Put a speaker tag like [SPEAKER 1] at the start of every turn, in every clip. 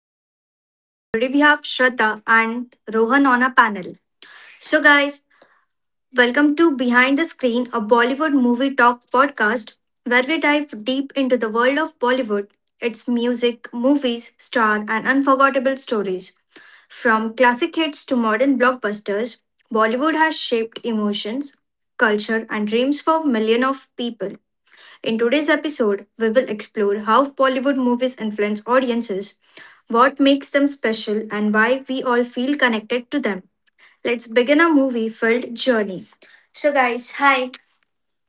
[SPEAKER 1] your host, and today we have Shraddha and Rohan on our panel. So, guys, welcome to Behind the Screen, a Bollywood movie talk podcast where we dive deep into the world of Bollywood, its music, movies, star, and unforgettable stories. From classic hits to modern blockbusters, Bollywood has shaped emotions, culture, and dreams for millions of people. In today's episode, we will explore how Bollywood movies influence audiences, what makes them special, and why we all feel connected to them. Let's begin a movie filled journey. So, guys, hi.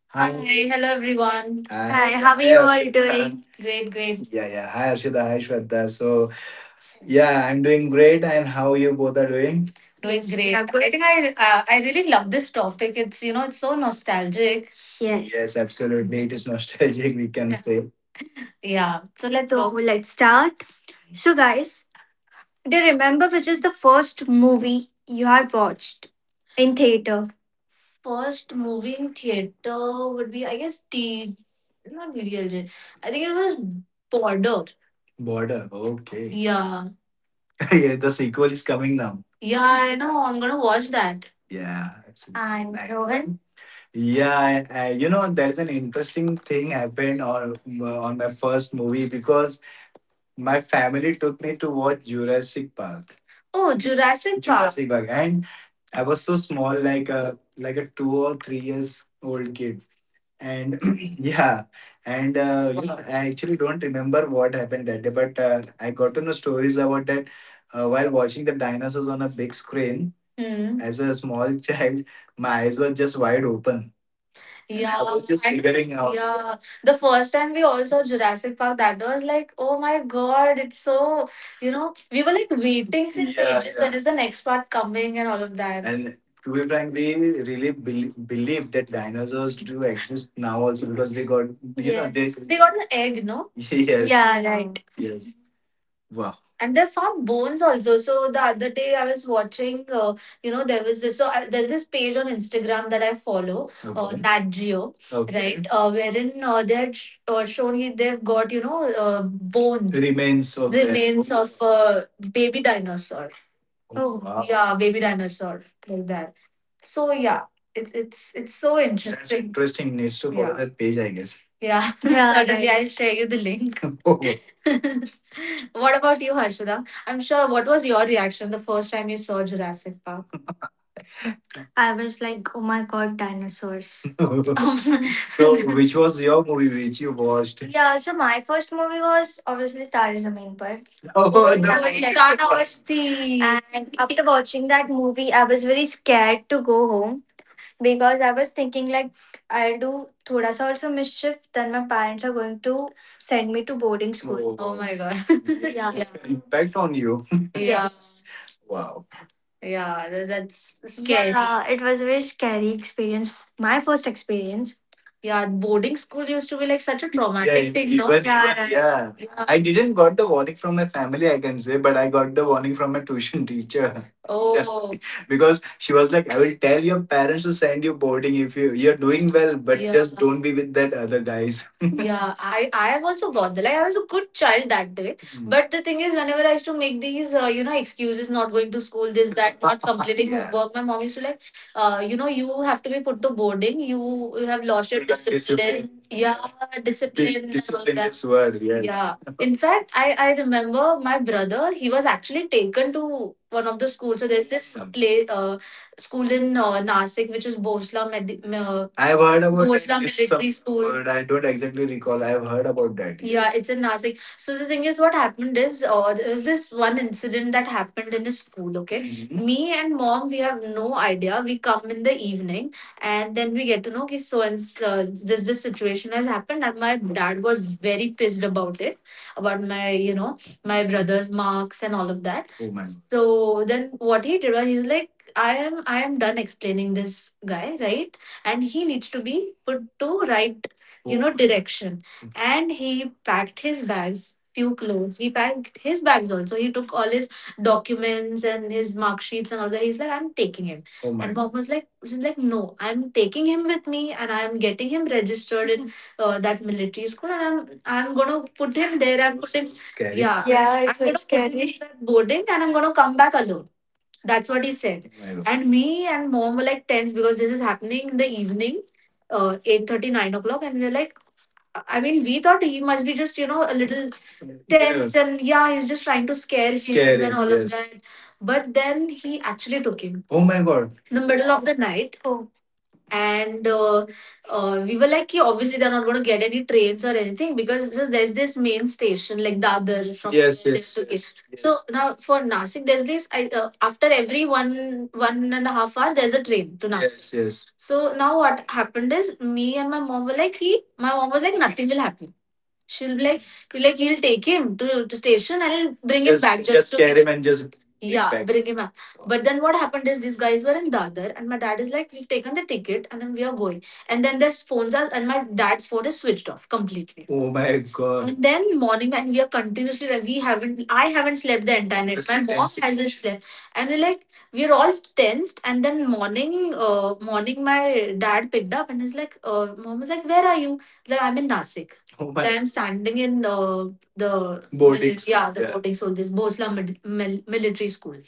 [SPEAKER 1] Hi. Hi, hello everyone. Hi, hi, how are hey, you all Arshita. Doing? Great, great. Yeah, yeah. Hi, Arshita. Hi, Shweta. So, yeah, I'm doing great. And how you both are doing? Doing great. Yeah, good. I think I really love this topic. It's you know it's so nostalgic. Yes. Yes, absolutely. It is nostalgic, we can, yeah, say. Yeah. So let's go. Let's start. So guys, do you remember which is the first movie you had watched in theater? First movie in theater would be, I guess, not DDLJ. I think it was Border. Border. Okay. Yeah. Yeah, the sequel is coming now. Yeah, I know. I'm going to watch that. Yeah, absolutely. I'm Rohan. Yeah, you know, there is an interesting thing happened on on my first movie because my family took me to watch Jurassic Park. Oh, Jurassic Park. Jurassic Park, and I was so small, like a 2 or 3 years old kid, and yeah, and yeah, I actually don't remember what happened that day, but I got to know stories about that, while watching the dinosaurs on a big screen. Hmm. As a small child, my eyes were just wide open. Yeah, I was just and figuring out. Yeah, the first time we all saw Jurassic Park, that was like, oh my god, it's so, you know, we were like waiting since, yeah, ages. When, yeah, is the next part coming and all of that? And to be frank, we really believe that dinosaurs do exist now also because they got, you know, yes, they got an egg, no? Yes. Yeah, yeah, right. Yes. Wow. And they found bones also. So the other day, I was watching, you know, there was this, so there's this page on Instagram that I follow, okay, Nat Geo, okay, right, wherein, they're showing you they've got, you know, bones, remains of their, remains of, baby dinosaur. Oh, oh wow. Yeah, baby dinosaur, like that. So yeah, it's so, that's interesting. Interesting. Needs to follow, yeah, that page, I guess. Yeah. Yeah, certainly right. I'll share you the link. Okay. What about you, Harshada? I'm sure. What was your reaction the first time you saw Jurassic Park? I was like, oh my god, dinosaurs. So, which was your movie which you watched? Yeah, so my first movie was obviously Tare Zameen Par. Oh, oh, the, yeah, movie. Yeah. Ishana Masti. And after watching that movie, I was very scared to go home because I was thinking like, I'll do thoda sa also mischief, then my parents are going to send me to boarding school. Oh, oh my god. Yeah. Yeah. Impact on you. Yeah. Yes. Wow. Yeah, that's scary. Yeah. Yeah, it was a very scary experience. My first experience. Yeah, boarding school used to be like such a, yeah, traumatic thing, no? Even, yeah, yeah. Yeah. I didn't got the warning from my family, I can say, but I got the warning from my tuition teacher. Oh, because she was like, I will tell your parents to send you boarding if you're doing well, but, yeah, just don't be with that other guys. Yeah, I have also got that. Like I was a good child that day. Mm. But the thing is, whenever I used to make these, you know, excuses, not going to school, this, that, not completing yeah, work, my mom used to like, you know, you have to be put to boarding. You have lost your, like, discipline. Discipline. Yeah, discipline and all Discipline that. Is word. Yeah. Yeah. In fact, I remember my brother. He was actually taken to one of the schools. So there's this play, school in, Nasik, which is Bosla. I've heard about Bosla that. Military School. But I don't exactly recall. I've heard about that. Yeah, yes, it's in Nasik. So the thing is, what happened is, there was this one incident that happened in a school. Okay. Mhm. Me and mom, we have no idea. We come in the evening, and then we get to know that, so, and uh, this situation has happened, and my dad was very pissed about it, about my, you know, my brother's marks and all of that. Oh my. So then what he did was he's like, I am done explaining this guy, right? And he needs to be put to right, you know, direction. And he packed his bags, few clothes, he packed his bags also, he took all his documents and his mark sheets and all that. He's like, I'm taking him. Oh my. And mom was like, she's like, no, I'm taking him with me and I'm getting him registered in, that military school and I'm gonna put him there. I'm it's so putting scary. Yeah. Yeah, I'm, it's gonna very put him in scary. That boarding and I'm gonna come back alone. That's what he said. My God. And me and mom were like tense because this is happening in the evening, 8 30 9 o'clock, and we are like, I mean, we thought he must be just, you know, a little tense. Yeah. And yeah, he's just trying to scare him. Scare and him, all of, yes, that. But then he actually took him, oh my god, in the middle of the night. Oh, and we were like, yeah, obviously they're not going to get any trains or anything because, so there's this main station like Dadar from, yes, there, yes, to Kish, yes, so, yes, now for Nasik, there's this. I, after every one and a half hour, there's a train to Nasik. Yes, yes. So now what happened is, me and my mom were like, he, my mom was like, nothing will happen. She'll be like, he'll take him to, station and he'll bring him just back just, to scare him and just take, yeah, back, bring him up. But then what happened is, these guys were in Dadar and my dad is like, we've taken the ticket and then we are going. And then their phones are, and my dad's phone is switched off completely. Oh my god. And then morning, and we are continuously, we haven't, I haven't slept the entire night. It's, my mom tense, hasn't situation, slept. And we're like, we're all tensed. And then morning, morning, my dad picked up and he's like, mom was like, where are you? Like, I'm in Nasik. Oh, I am standing in, the boarding school. Yeah, the, yeah, boarding school, this Bosla military school.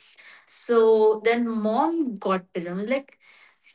[SPEAKER 1] So then mom got pajamas. Like,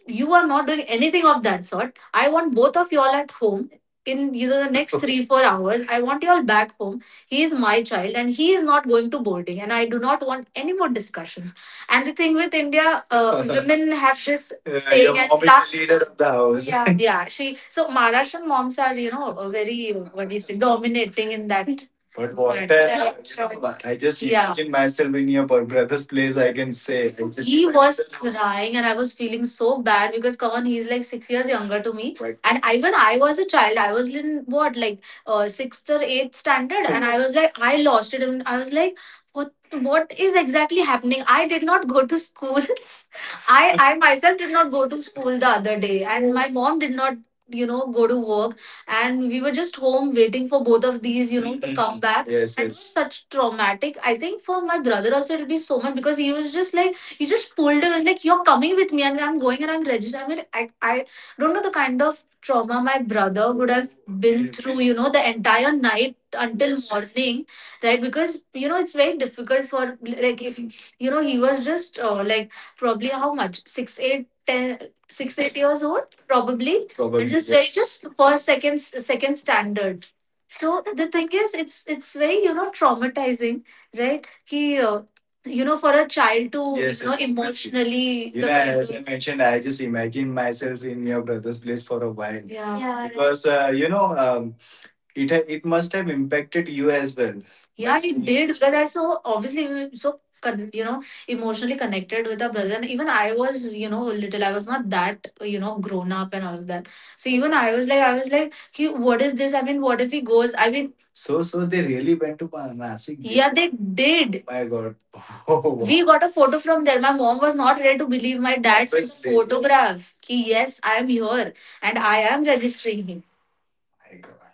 [SPEAKER 1] you are not doing anything of that sort. I want both of y'all at home in either the next, okay, three, 4 hours. I want y'all back home. He is my child and he is not going to boarding. And I do not want any more discussions. And the thing with India, women have this, yeah, saying, your and mom is last, the leader of the house. Yeah, yeah. She, so Maharashtrian moms are, you know, very, what do you say, dominating in that. But what a, you know, I just, yeah, imagine myself in your brother's place. I can say, I just, he was crying and I was feeling so bad because come on, he's like 6 years younger to me. Right. And even I was a child, I was in what, like, sixth or eighth standard, and I was like, I lost it, and I was like, what what is exactly happening. I did not go to school. I myself did not go to school the other day, and my mom did not, you know, go to work. And we were just home waiting for both of these, you know, to come back. Yes, and it was, yes, such traumatic. I think for my brother also, it'll be so much because he was just like, he just pulled away, like, you're coming with me, and I'm going and I'm registered. I mean, I don't know the kind of trauma my brother would have been through, you know, the entire night until morning, right? Because, you know, it's very difficult for, like, if, you know, he was just like, probably how much? Six, eight, ten, six, 8 years old, probably. Probably, it is very, yes, just first, second, second standard. So the thing is, it's very, you know, traumatizing, right? Ki, you know, for a child to, yes, you know, yes, obviously, emotionally, you the know, kind as I mentioned, I just imagined myself in your brother's place for a while. Yeah, yeah, right. Because, you know, it must have impacted you as well. Yeah, must it did because I, so obviously we were so you know, emotionally connected with our brother, and even I was, you know, little. I was not that, you know, grown up and all of that. So even I was like, I was like, "Ki, what is this? I mean, what if he goes?" I mean, so they really went to Nasik. Did Yeah, they did. My God. Oh, wow. We got a photo from there. My mom was not ready to believe my dad's, that's obviously, photograph. Ki, yes, I am here and I am registering.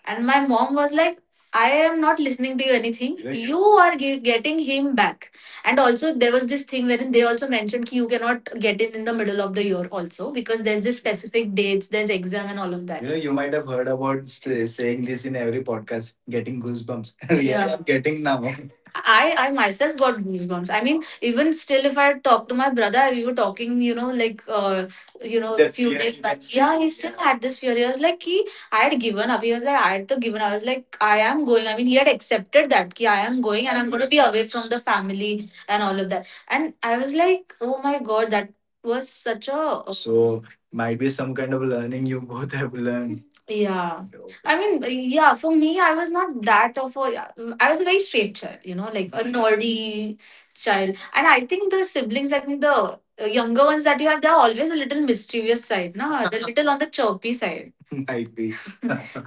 [SPEAKER 1] And my mom was like, I am not listening to you anything. Right. You are getting him back. And also, there was this thing wherein they also mentioned ki you cannot get in the middle of the year also because there's this specific dates, there's exam and all of that. You know, you might have heard about saying this in every podcast, getting goosebumps. Really, yeah. I'm getting now. I myself got goosebumps. I mean, even still, if I talk to my brother, we were talking, you know, like, you know, a That few fear days you back. Can see. Yeah, he still, yeah, had this fear. He was like, ki, I had given up. He was like, I had to given. I was like, I am going. I mean, he had accepted that ki I am going and I'm going to be away from the family and all of that. And I was like, oh my god, that was such a. So might be some kind of learning you both have learned. Yeah. I mean, yeah, for me, I was not that of a. I was a very straight child, you know, like a nerdy child. And I think the siblings, like the younger ones that you have, they're always a little mischievous side, no? They're little on the chirpy side. Might be.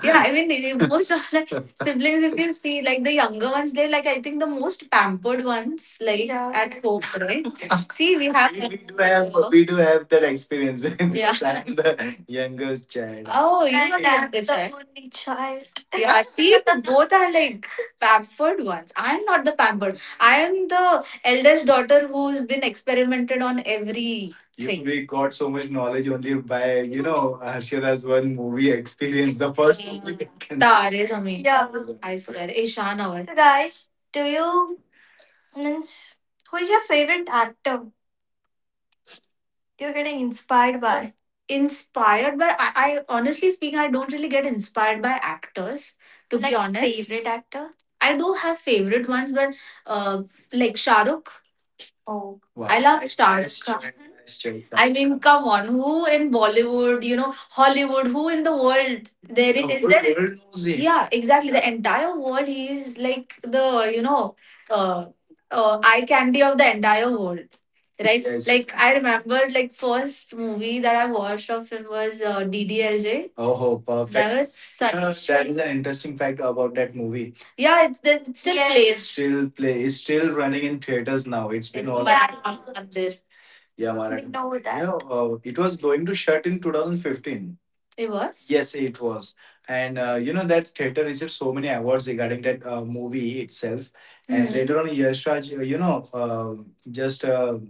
[SPEAKER 1] Yeah, I mean, most of the siblings, if you see, like the younger ones, they're like, I think the most pampered ones, like, yeah, at home, right? See, we do have we do have that experience. Yeah, because, yeah. I'm the youngest child. Oh, You And are the I'm youngest, the right? only child. Yeah, see, both are like pampered ones. I am not the pampered. I am the eldest daughter who's been experimented on every, you thing. We got so much knowledge only by, you know, Harshada's one movie experience, the first movie. Tare Zameen. Yeah. I swear, Ishan was. So guys, do you means who is your favorite actor you're getting inspired by? Inspired by, I honestly speaking, I don't really get inspired by actors, to be Like honest. Favorite actor? I do have favorite ones, but uh, like Shahrukh. Oh, wow. I love Nice, Star nice Trek. Choice. Nice choice. I mean, come on, who in Bollywood, you know, Hollywood, who in the world there? The is whole there? World knows him. Yeah, exactly. The entire world, he is like the, you know, uh, eye candy of the entire world, right? Yes. Like I remember, like first movie that I watched of him was DDLJ. Oh, That perfect. That was such. That is an interesting fact about that movie. Yeah, it still, yes, plays. Still play is still running in theaters now. It's been all, yeah, Mandir. Yeah, Maharashtra. We know that. Yeah, it was going to shut in 2015. It was. Yes, it was. And you know that theater received so many awards regarding that movie itself. And hmm, later on, Yash Raj, you know, just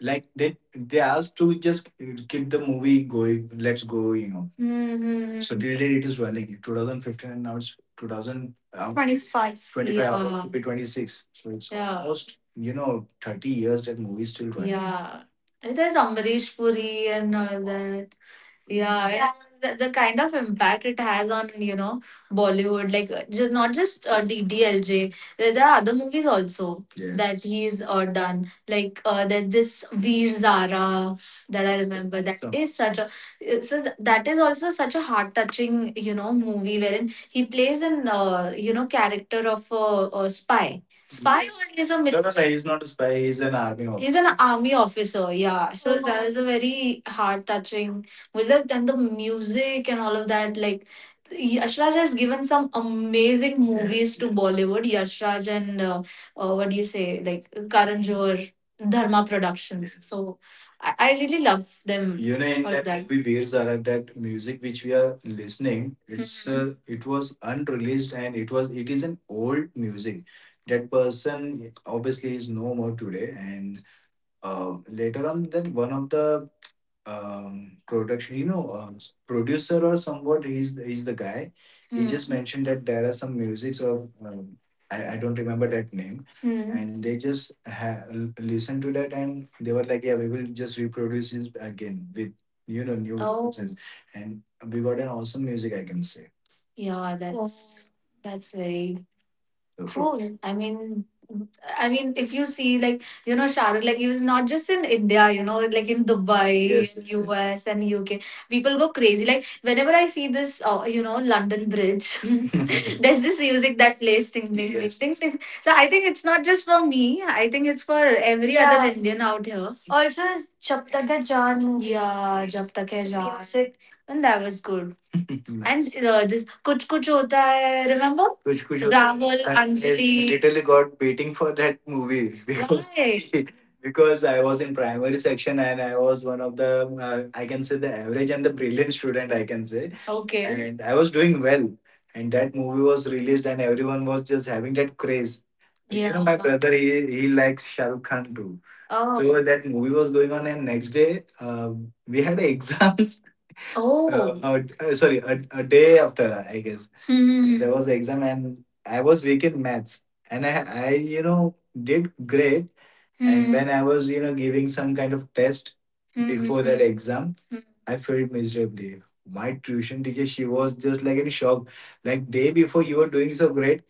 [SPEAKER 1] like they asked to just keep the movie going, let's go, you know. Mhm. So till date it is running, 2015, and now it's 2020, 25, 25, yeah. It'll be 26, so it's, yeah, almost, you know, 30 years that movie is still running, yeah. There's Amrish Puri and all that. Yeah, yeah. The kind of impact it has on, you know, Bollywood, like just, not just DDLJ. There there are other movies also, yes, that he's done. Like there's this Veer Zara that I remember. That So, is such a, it's that is also such a heart touching, you know, movie wherein he plays an you know, character of a spy. Spy, yes, or is a, no, no, no. He's not a spy. He's an army He's officer. An army officer, yeah. So that is a very heart touching Vivek, and the music and all of that. Like, Yash Raj has given some amazing movies to Bollywood. Yash Raj and what do you say, like Karan Johar, Dharma Productions. So I really love them. You know, in for that that movie, Veer Zara, that music which we are listening it's, mhm, it was unreleased and it is an old music. That person obviously is no more today, and later on, that one of the production, you know, producer or somewhat. He's the guy. He, hmm, just Hmm. mentioned that there are some musics of I don't remember that name, hmm, and they just listened to that and they were like, yeah, we will just reproduce it again with, you know, new, oh, vocals and we got an awesome music, I can say. Yeah, that's very cool. I mean, if you see, like, you know, Shahrukh, like, he was not just in India, you know, like in Dubai, yes, and yes, yes, US, and UK. People go crazy. Like, whenever I see this, you know, London Bridge, there's this music that plays ding, ding, ding, yes, ding, yes, ding. So I think it's not just for me. I think it's for every other, yeah, Indian out here. Also, is Jab Tak Hai Jaan movie. Yeah, Jab Tak Hai Jaan. Music. And that was good. And this Kuch Kuch Hota Hai, remember which Rahul, I Anjali literally got waiting for that movie because. Why? Because I was in primary section and I was one of the I can say the average and the brilliant student, I can say. Okay. And I was doing well and that movie was released and everyone was just having that craze. Like, you know, my, yeah, brother, he likes Shah Rukh Khan too. Oh. So that movie was going on, and next day we had exams. Oh. Sorry, a day after, I guess. Hmm. There was an exam and I was weak in maths. And I, you know, did great. And, hmm, when I was, you know, giving some kind of test before that, hmm, exam, I failed miserably. My tuition teacher, she was just like in shock. Like day before you were doing so great,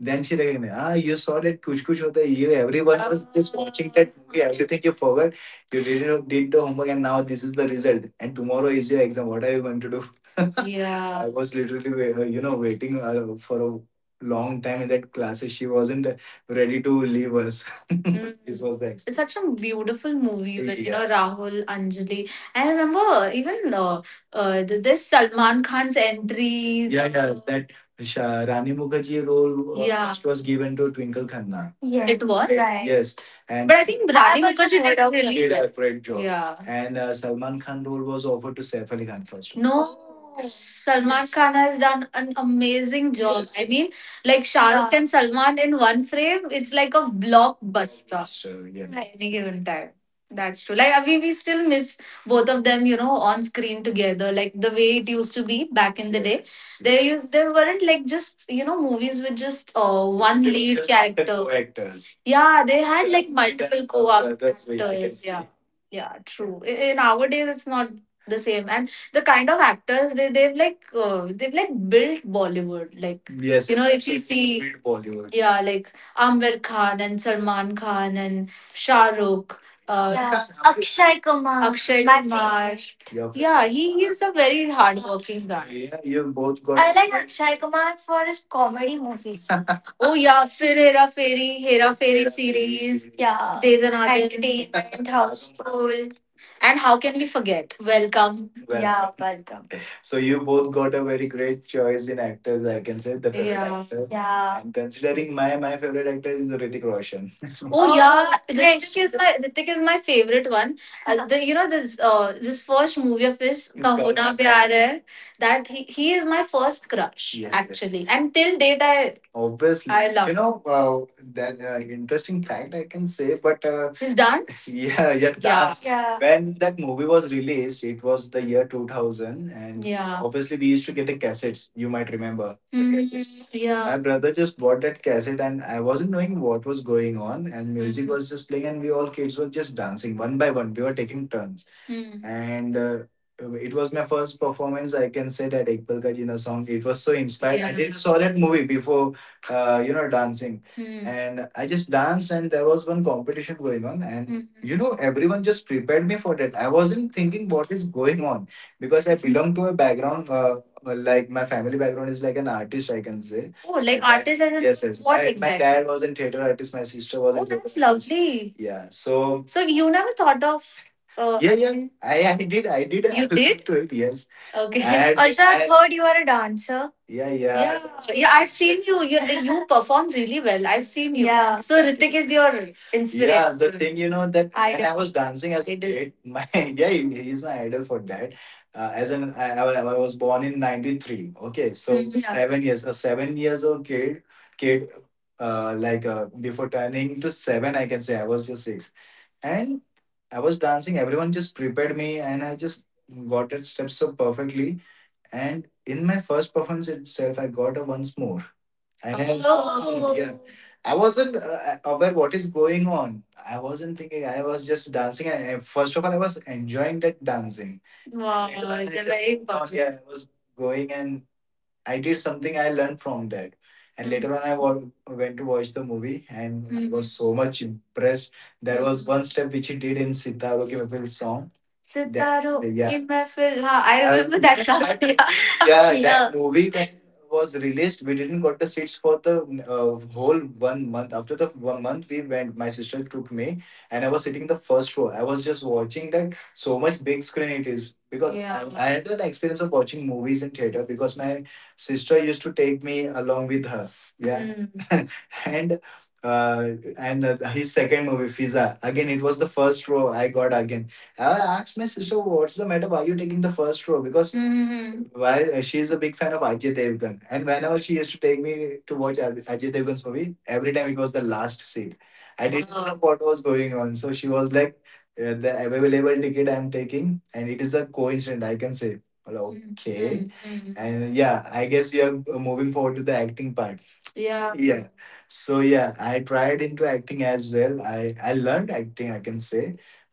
[SPEAKER 1] then she recognized, ah, you saw that Kuch Kuch Hota Hai. You, everyone was just watching that movie. Everything you forgot, you didn't did the homework, and now this is the result. And tomorrow is your exam. What are you going to do? Yeah. I was literally, you know, waiting for a long time in that class. She wasn't ready to leave us. Mm. This was the experience. It's such a beautiful movie with, you know, yeah, Rahul, Anjali. I remember even this Salman Khan's entry. Yeah, yeah, that Rani Mukherjee role, yeah, which was given to Twinkle Khanna. Yes. It was? Right. Yes, and But I think Rani I've also Mukherjee heard did of really did well a well. Great job. Yeah. And Salman Khan role was offered to Saif Ali Khan first. No. Oh. Salman, yes, Khan has done an amazing job. Yes. I mean, like Shah Rukh, yeah, and Salman in one frame, it's like a blockbuster, so, yeah, at any given time. That's true. Like, we still miss both of them, you know, on screen together, like the way it used to be back in the day. Yes, there weren't like, just you know, movies with just one. They were lead just the character. Co-actors, yeah, they had, yeah, like multiple co-actors. That's where you can actors, yeah see. Yeah, true. In our days it's not the same. And the kind of actors, they've built Bollywood, like, yes, you know, if you absolutely see, built Bollywood, yeah, like Amber Khan and Salman Khan and Shah Rukh, Yeah. Akshay Kumar. Akshay my Kumar. Favorite. Yeah, he is a very hardworking guy. Yeah, you've both got. I like Akshay Kumar for his comedy movies. Oh yeah, फिर हेरा फेरी Hera Feri series, yeah. दे दना दे, Entertainment, Houseful. And how can we forget? Welcome. Well, yeah, Welcome. So you both got a very great choice in actors. I can say the favorite Yeah. actor. Yeah. And considering, my favorite actor is Hrithik Roshan. Oh yeah, Ritik is my favorite one. You know, this this first movie of his, Kahuna Pyar Hai, that he is my first crush, yes, yes, actually, and till date, I obviously, I love. You know, that interesting fact, I can say, but his dance. Yeah, yeah, dance. Yeah. When that movie was released, it was the year 2000, and yeah, obviously we used to get the cassettes. You might remember. Mhm, yeah. My brother just bought that cassette and I wasn't knowing what was going on, and music, Mhm, was just playing, and we all kids were just dancing one by one. We were taking turns. Mm. And it was my first performance, I can say, that Ek Pal Ka Jeena song. It was so inspired. I, yeah, didn't saw that movie before, you know, dancing. Mm. And I just danced, and there was one competition going on, and, Mhm, you know, everyone just prepared me for that. I wasn't thinking what is going on because I belong to a background. Like, my family background is like an artist, I can say. Oh, like, artist as in, yes, yes, what my, exactly? dad was in theater artist. My sister was in, oh, in theater, that's artist. Lovely. Yeah. So So you never thought of, yeah, yeah. I did I did I you look did? Looked to it. Yes. Okay. And Also, I've heard you are a dancer. Yeah, yeah. Yeah, yeah, I've seen you. You. You perform really well. I've seen you. Yeah. So Ritik is your inspiration. Yeah, the thing, you know, that when Idol, I Idol. Was dancing as a Idol, kid, my, yeah, he's my idol for that, as an, I was born in 93, okay, so, Mm, yeah, 7 years, a 7 years old kid, kid, before turning to seven, I can say, I was just six, and I was dancing, everyone just prepared me, and I just got it steps so perfectly, and in my first performance itself I got a once more. I had, oh, yeah. I wasn't aware what is going on. I wasn't thinking. I was just dancing, and first of all, I was enjoying that dancing. Wow, it's a very important. Yeah, I was going, and I did something. I learned from that. And later on, went to watch the movie, and I, Mhm, was so much impressed. There was one step which he did in Sitaro Ki Mehfil song. That Sitaro yeah. in Mehfil, Huh, I remember that song. Yeah, yeah. That Yeah. movie, when was released, we didn't got the seats for the whole one month. After the one month, we went. My sister took me, and I was sitting in the first row. I was just watching that, so much big screen it is, because I, yeah, I had an experience of watching movies in theater because my sister used to take me along with her. Yeah. Mm. And uh, his second movie, Fiza. Again, it was the first row I got again. I asked my sister, "What's the matter? Why are you taking the first row?" Because, mm, why, she's a big fan of Ajay Devgan, and whenever she used to take me to watch Ajay Devgan's movie, every time it was the last seat. I didn't, oh, know what was going on, so she was like, "The available ticket I'm taking, and it is a coincidence, I can say." Well, okay, Mm-hmm, and yeah, I guess you're moving forward to the acting part. Yeah. Yeah. So yeah, I tried into acting as well. I learned acting, I can say.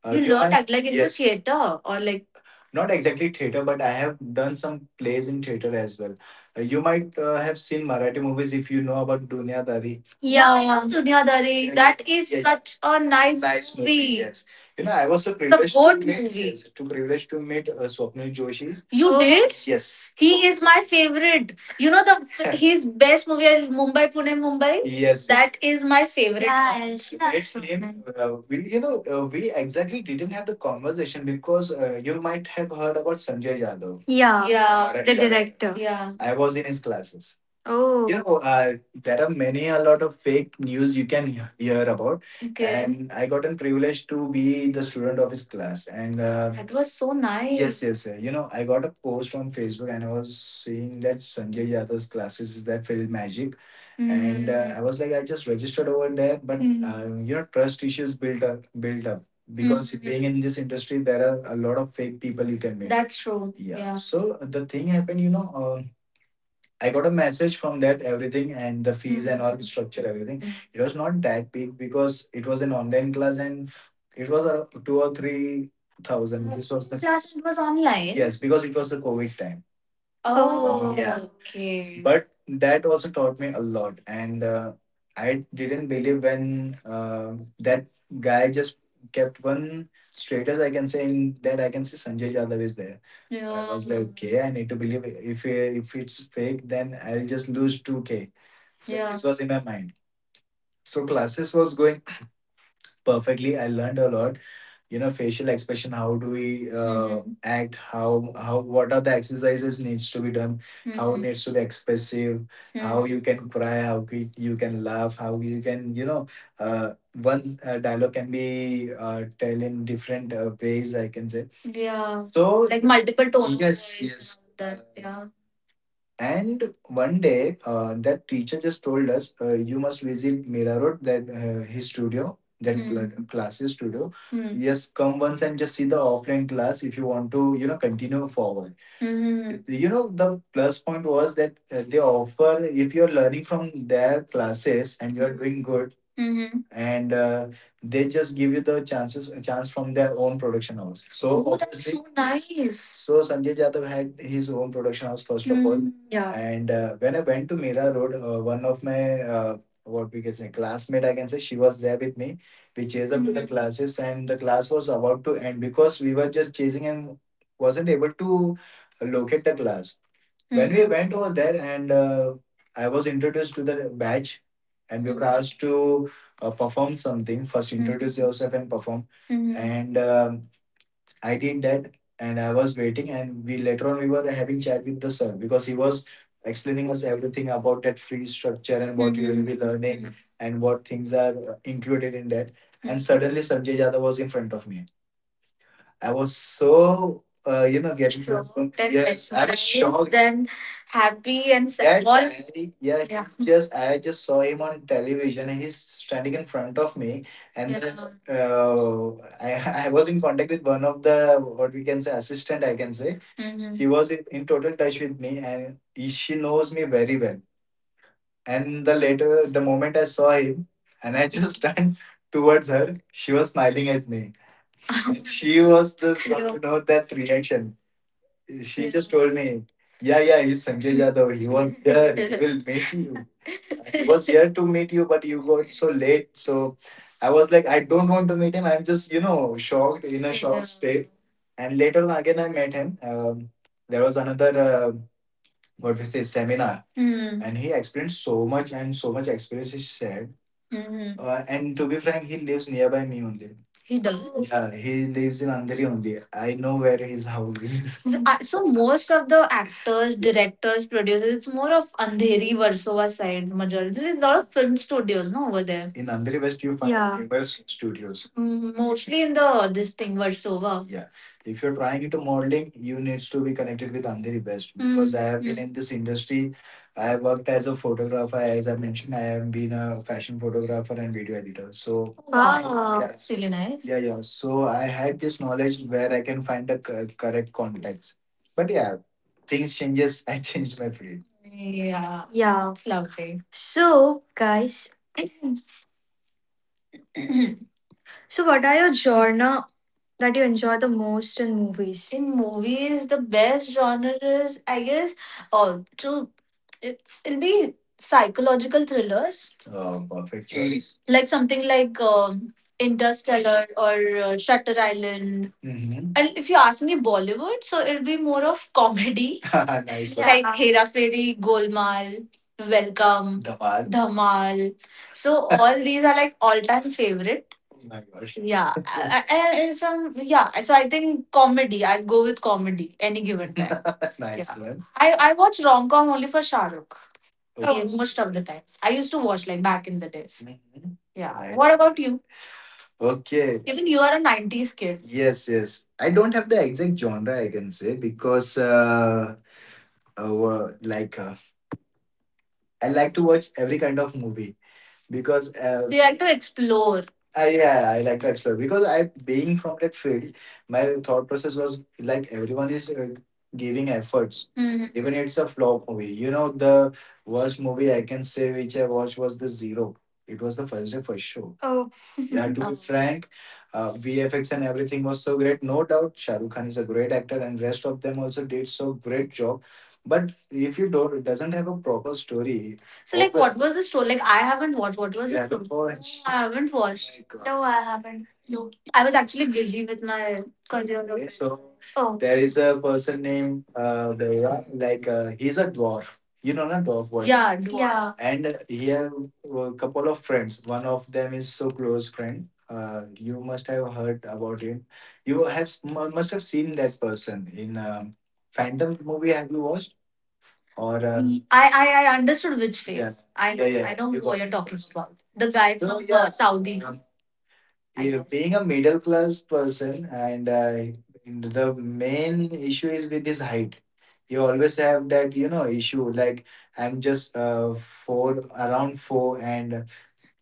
[SPEAKER 1] You learned know, act like in the, yes, theater, or like, not exactly theater, but I have done some plays in theater as well. You might have seen Marathi movies, if you know about Dunya Dari. Yeah, I know Duniya Dari. Yeah, that is, yeah, such a nice Nice movie. Movie. Yes, you know, I was so privileged to goat meet movie. Yes, to privileged to meet Swapnil Joshi. You, oh, did? Yes, he is my favorite. You know, the his best movie is Mumbai Pune Mumbai. Yes, that is my favorite. Yeah, she, it's name, we exactly didn't have the conversation because you might have heard about Sanjay Yadav. Yeah. Yeah, correct, the director. Yeah. I was in his classes. Oh. You know, a lot of fake news you can hear about. Okay. And I gotten privileged to be the student of his class. And that was so nice. Yes, yes, sir. You know, I got a post on Facebook and I was seeing that Sanjay Yadav's classes is that Film Magic, Mm, and I was like, I just registered over there, but, Mhm, you know, trust issues built up, because, Mhm, being in this industry, there are a lot of fake people you can meet. That's true. Yeah. Yeah. So the thing happened, you know, I got a message from that, everything, and the fees, mm-hmm, and all structure, everything. Mm-hmm. It was not that big because it was an online class, and it was around 2 or 3 thousand. This was the class. It was online, yes, because it was the COVID time. Oh, yeah, okay. But that also taught me a lot. And I didn't believe when that guy just kept one status, I can say, in that I can see Sanjay Jadhav is there. So I, yeah, was like, okay, I need to believe it. If if it's fake, then I'll just lose 2K. So, yeah, this was in my mind. So classes was going perfectly. I learned a lot, you know, facial expression, how do we, Mhm, act, how what are the exercises needs to be done, how it, Mhm, needs to be expressive, how, Mhm, you can cry, how, you can laugh, how you can, you know, uh, one dialogue can be tell in different ways, I can say. Yeah. So, like, multiple tones of, yes, voice, and yes, and all that. And one day, that teacher just told us, you must visit Mira Road, that his studio, that, Hmm, classes studio. Hmm. Yes, come once and just see the offline class if you want to, you know, continue forward. Hmm. You know, the plus point was that they offer, if you're learning from their classes and you're doing good, Hmm, and they just give you the chances chance from their own production house. So, oh, that's obviously so nice. So Sanjay Jadhav had his own production house first of all, Mm, yeah. And when I went to Mira Road, one of my, what we can say, classmate, I can say, she was there with me. We chased up to the, Mm, classes, and the class was about to end because we were just chasing and wasn't able to locate the class. When we, Mhm, went over there, and I was introduced to the batch, and we were, Mhm, asked to perform something. First, introduce, Mhm, yourself and perform, Mhm, and I did that. And I was waiting, and we, later on, we were having chat with the sir because he was explaining us everything about that free structure and what you will, Mhm, be learning, Mhm, and what things are included in that, and, Mhm, suddenly Sanjay Jadhav was in front of me. I was so you know, getting shocked, transformed. And yes, I was mesmerized, shocked and happy and sad. That all. Guy, yeah, yeah, he's just— I just saw him on television and he's standing in front of me, and yeah, then uh, I I was in contact with one of the, what we can say, assistant I can say. Mhm. She was in total touch with me and she knows me very well. And the later, the moment I saw him and I just turned towards her, she was smiling at me. She was just, you know, that reaction. She just told me, "Yeah, yeah, he's Sanjay Jadhav. He was here. He will meet you. He was here to meet you, but you got so late." So I was like, "I don't want to meet him. I'm just shocked, in a shocked state." And later on, again, I met him. There was another. What we say, seminar. Mm. And he explained so much, and so much experience he shared. Mhm. And to be frank, he lives nearby me only. He does. Yeah, he lives in Andheri only. I know where his house is. So, so most of the actors, directors, producers, it's more of Andheri, Versova side majority. There's a lot of film studios, no, over there. In Andheri West you find, yeah, numerous studios. Mm, mostly in the, this thing, Versova. Yeah, if you're trying into modeling, you needs to be connected with Andheri best because, mm-hmm, I have been in this industry. I have worked as a photographer, as I mentioned. I have been a fashion photographer and video editor. So, wow, yeah, that's really nice. Yeah, yeah. So I had this knowledge where I can find the correct contacts. But yeah, things changes. I changed my field. Yeah. Yeah. It's lovely. So, guys, so what are your genre that you enjoy the most in movies? In movies, the best genre is, I guess, to it'll be psychological thrillers. Oh, perfect choice. Like something like, Interstellar or Shutter Island. Mhm. And if you ask me Bollywood, so it'll be more of comedy. Nice one. Like Hera Fairy, Golmaal, Welcome, Dhamal. Dhamal. So all these are like all-time favorites. Oh my gosh. Yeah, I- from yeah. So I think comedy. I'd go with comedy any given time. Nice Yeah, one. I watch rom com only for Shah Rukh. Yeah, okay. Yeah, most of the times I used to watch like back in the day. Mhm. Yeah. Right. What about you? Okay. Even you are a nineties kid. Yes, yes. I don't have the exact genre, I can say, because uh like uh, I like to watch every kind of movie because, do you like to explore? I, yeah, I like to explore because I, being from that field, my thought process was like everyone is giving efforts. Even it's a flop movie. You know, the worst movie I can say which I watched was the Zero. It was the first day first show. Oh. Yeah, to be oh, frank, VFX and everything was so great. No doubt, Shahrukh Khan is a great actor, and rest of them also did so great job. But if you don't— doesn't have a proper story. So, like, what was the story? Like, I haven't watched. What was, yeah, the Have to story? Watch. I haven't watched. Like, no, I haven't. No, I was actually busy with my career. Okay, so, oh, there is a person named, Deva, like, he's a dwarf. You know, not dwarf, what? Yeah, dwarf. Yeah. And he have a couple of friends. One of them is so close friend. You must have heard about him. You have— must have seen that person in, Phantom movie. Have you watched? Or I, I understood which, yeah, phase. Yeah, I, yeah, know, yeah. I know you who got You're it. Talking about the guy so from yeah, Saudi, I yeah, guess. Being a middle class person, and the main issue is with his height. You always have that, you know, issue like, I'm just four, around four, and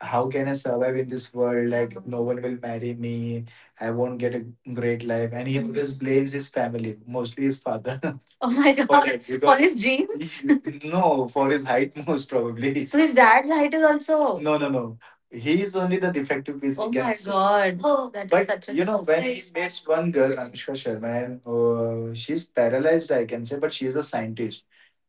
[SPEAKER 1] how can I survive in this world? Like, no one will marry me. I won't get a great life. And he always blames his family, mostly his father. Oh my god. For, it, for his jeans? No, for his height, most probably. So his dad's height is also. No, no, no. He's only the defective piece. Oh We can my say. God. Oh, that is But such a you know, when he disgrace. Meets one girl, Anushka Sharma, and she's paralyzed, I can say, but she's a scientist,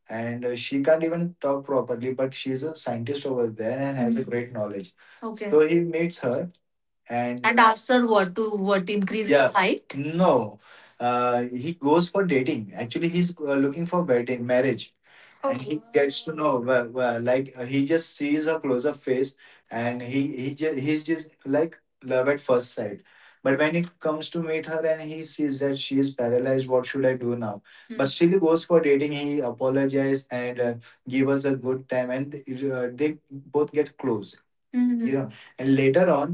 [SPEAKER 1] and she can't even talk properly, but she's a scientist over there and has a, mhm, great knowledge. Okay. So he meets her and asks her what to— what increase his, yeah, height. No, he goes for dating, actually. He's looking for wedding, marriage. And he gets to know, well, well, like, he just sees her close-up face, and he's just like love at first sight. But when he comes to meet her, and he sees that she is paralyzed, what should I do now? But, hmm, still he goes for dating. He apologizes and, give us a good time, and they both get close. Mhm. You know, and later on,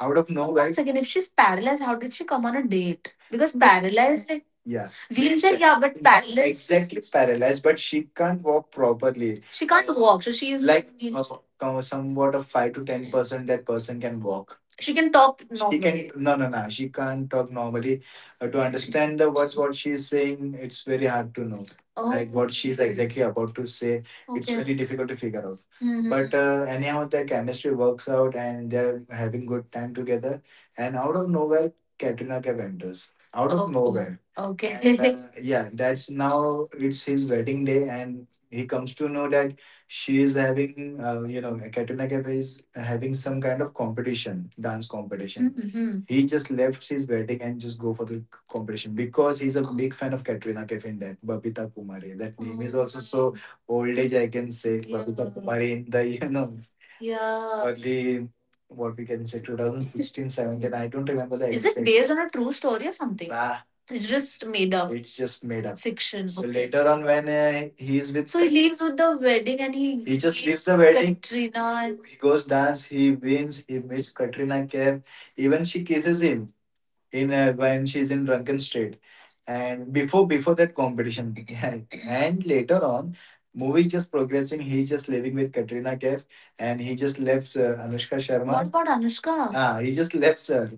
[SPEAKER 1] out of nowhere. Once again, if she's paralyzed, how did she come on a date? Because paralyzed, like, yeah, wheelchair, yeah, yeah, but paralyzed. Exactly paralyzed, but she can't walk properly. She can't walk, so she is. Like in, somewhat of 5 to 10% that person can walk. She can talk normally. She can— no, no, no. She can't talk normally. To understand the words what she is saying, it's very hard to know. Oh. Like what she's exactly about to say, okay, it's okay, very difficult to figure out. Mhm. But anyhow, their chemistry works out and they're having good time together. And out of nowhere, Katrina Kaif enters. Out of, oh, oh, nowhere. Okay. And yeah, that's— now it's his wedding day, and he comes to know that she is having, you know, Katrina Kaif is having some kind of competition, dance competition. Mhm. He just left his wedding and just go for the competition because he's a big fan of Katrina Kaif in that Babita Kumari. That name is, oh, also so old age, I can say, Babita, yeah, Babita Kumari in the, you know, yeah, early, what we can say, 2016, 17. I don't remember the Is exact. It based on a true story or something? Nah, it's just made up. It's just made up. Fiction. So, okay, later on, when he is with— so he leaves with the wedding, and he just leaves the wedding. Katrina. He goes dance. He wins. He meets Katrina Kaif. Even she kisses him in, when she's in drunken state, and before that competition. Yeah. And later on, movie's just progressing. He's just living with Katrina Kaif, and he just left, Anushka Sharma. What about Anushka? Ah, he just left her.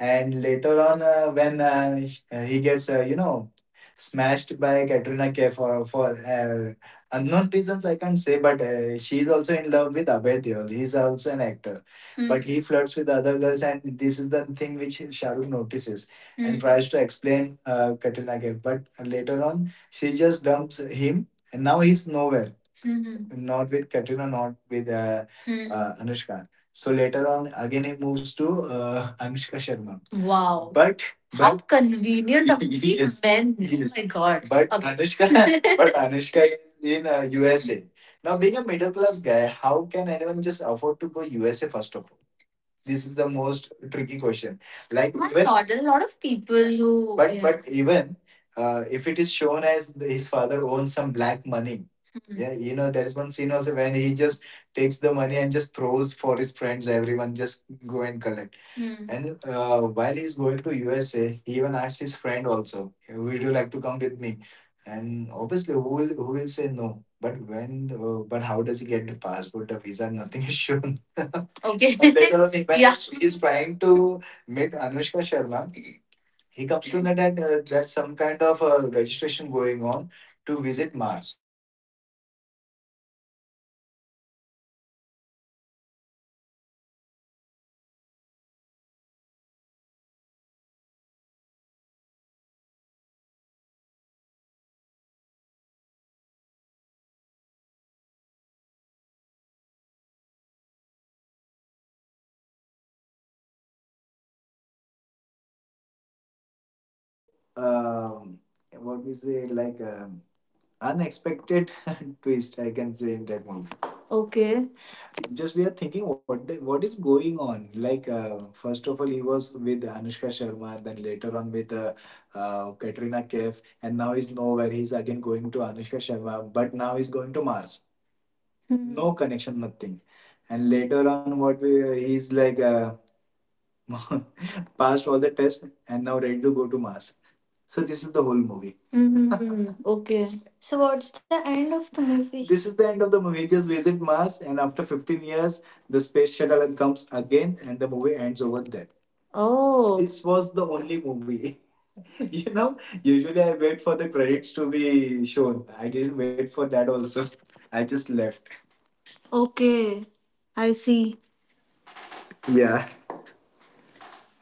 [SPEAKER 1] And later on, he gets, you know, smashed by Katrina Kaif for, unknown reasons, I can't say, but she's also in love with Abhay Deol. He's also an actor. Hmm. But, hmm, he flirts with other girls, and this is the thing which Shahrukh notices, and, hmm, tries to explain, Katrina Kaif. But later on, she just dumps him, and now he's nowhere. Hmm. Not with Katrina, not with, hmm, Anushka. So later on, again he moves to, Anushka Sharma. Wow. But how— but how convenient of these Yes, men. Yes. Oh my god. But, okay, Anushka, but Anushka is in, USA. Now, being a middle class guy, how can anyone just afford to go USA first of all? This is the most tricky question. Like, why even not? There are a lot of people who— but yeah, but even if it is shown as his father owns some black money. Hmm. Yeah, you know, there's one scene also when he just takes the money and just throws for his friends. Everyone just go and collect. Hmm. And while he's going to USA, he even asks his friend also, would you like to come with me? And obviously, who will say no? But when but how does he get the passport, the visa? Nothing is shown. Okay. And later on, when yeah. he's trying to meet Anushka Sharma, he comes to know that there's some kind of registration going on to visit
[SPEAKER 2] um, what we say, like, unexpected twist, I can say, in that movie. Okay. Just we are thinking what is going on, like, first of all he was with Anushka Sharma, then later on with Katrina Kaif, and now he's nowhere. He's again going to Anushka Sharma, but now he's going to Mars. Hmm. No connection, nothing. And later on, what we, he's like, passed all the tests and now ready to go to Mars. So this is the whole movie. Mm-hmm. Okay. So what's the end of the movie? This is the end of the movie. Just visit Mars, and after 15 years, the space shuttle comes again, and the movie ends over there. Oh. This was the only movie. you know, usually I wait for the credits to be shown. I didn't wait for that also. I just left. Okay. I see. Yeah.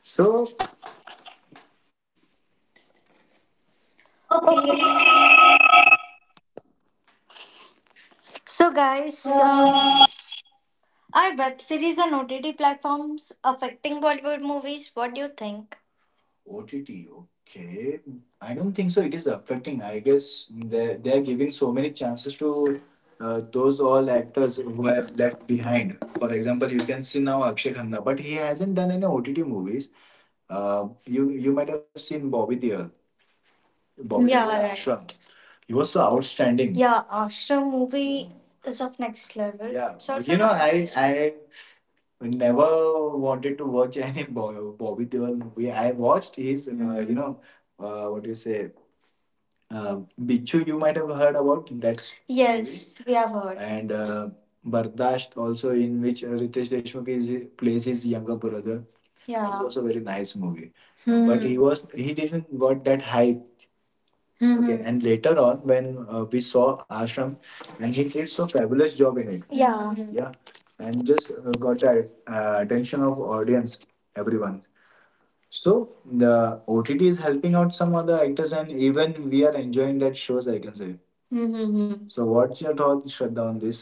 [SPEAKER 2] So okay.
[SPEAKER 3] Okay,
[SPEAKER 2] So
[SPEAKER 3] guys.
[SPEAKER 2] guys, are web series and OTT platforms affecting Bollywood movies? What do you think? OTT, okay. I don't think so it is affecting. I guess they are giving so many chances to those all actors who have left behind. For example, you can see now Akshay Khanna, but he hasn't done any OTT movies. You might have seen Bobby Deol. Bobby, yeah, Deol, right. Ashram. He was so outstanding. Yeah, Ashram movie is of next level. Yeah, it's also, I never wanted to watch any Bobby Deol movie. I watched his, what do you say, Bichu. You might have heard about that. Yes, movie, we have heard. And Bardasht also, in which Ritesh Deshmukh is, plays his younger brother. It, yeah, it was a very nice movie. Hmm. But hmm, he didn't got that hype. Okay. Mm-hmm. And later on, when we saw Ashram, and he did so fabulous job in it. Yeah. Mhm. Yeah, and just got the attention of audience, everyone. So the OTT is helping out some other actors, and even we are enjoying that shows, I can say. Hmm. So, what's your thought, Shraddha, on this?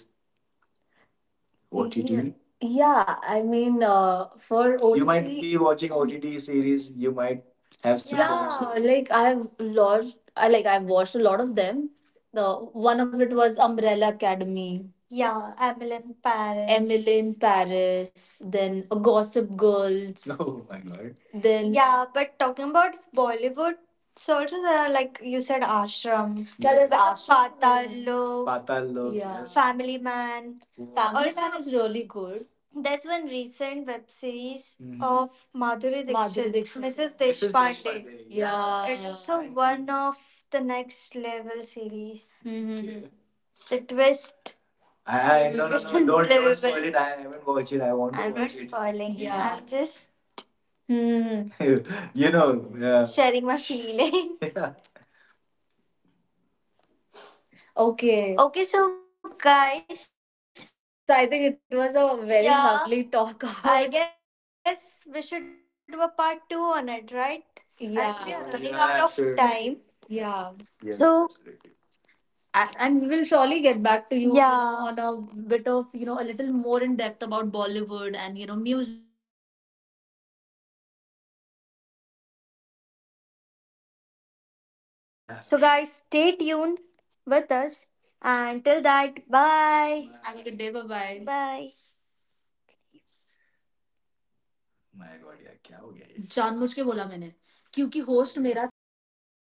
[SPEAKER 2] OTT. Yeah, I mean, for OTT. You might be watching OTT series. You might have some, yeah, comments, like I've watched, I like I've watched a lot of them. The one of it was Umbrella Academy. Yeah, Emily in Paris. Emily in Paris. Then Gossip Girls. Oh my god. Then yeah, but talking about Bollywood, so also there are, like you said, Ashram. Yeah, there's, yes, Ashram. Patal Lok. Patal Lok. Yeah. Yes. Family Man. Family, Man is really good. There's one recent web series, Mhm, of Madhuri Dixit, Madhuri Dixit. Mrs. Deshpande. Yeah. It's also one of the next level series. Mhm. The twist, I no no no don't, don't, unbelievable, spoil it. I haven't watched it. I want to, I'm not watch it, spoiling, yeah. I'm just mhm, yeah, sharing my feeling. Yeah. Okay. Okay, so guys, so I think it was a very, yeah, lovely talk. I guess we should do a part two on it, right? Yeah. As we are, yeah, running, yeah, out of, absolutely, time. Yeah. Yes, absolutely. And we will surely get back to you, you yeah, know, on a bit of, a little more in depth about Bollywood and, music and, how Bollywood has, progressed and all of that. But I think that is the discussion for another day. Yeah. Yeah. So guys, stay tuned with us. And till that, bye. Have a good day. Bye bye. Bye. My God यार क्या हो गया ये जानबूझ के बोला मैंने क्योंकि होस्ट मेरा था।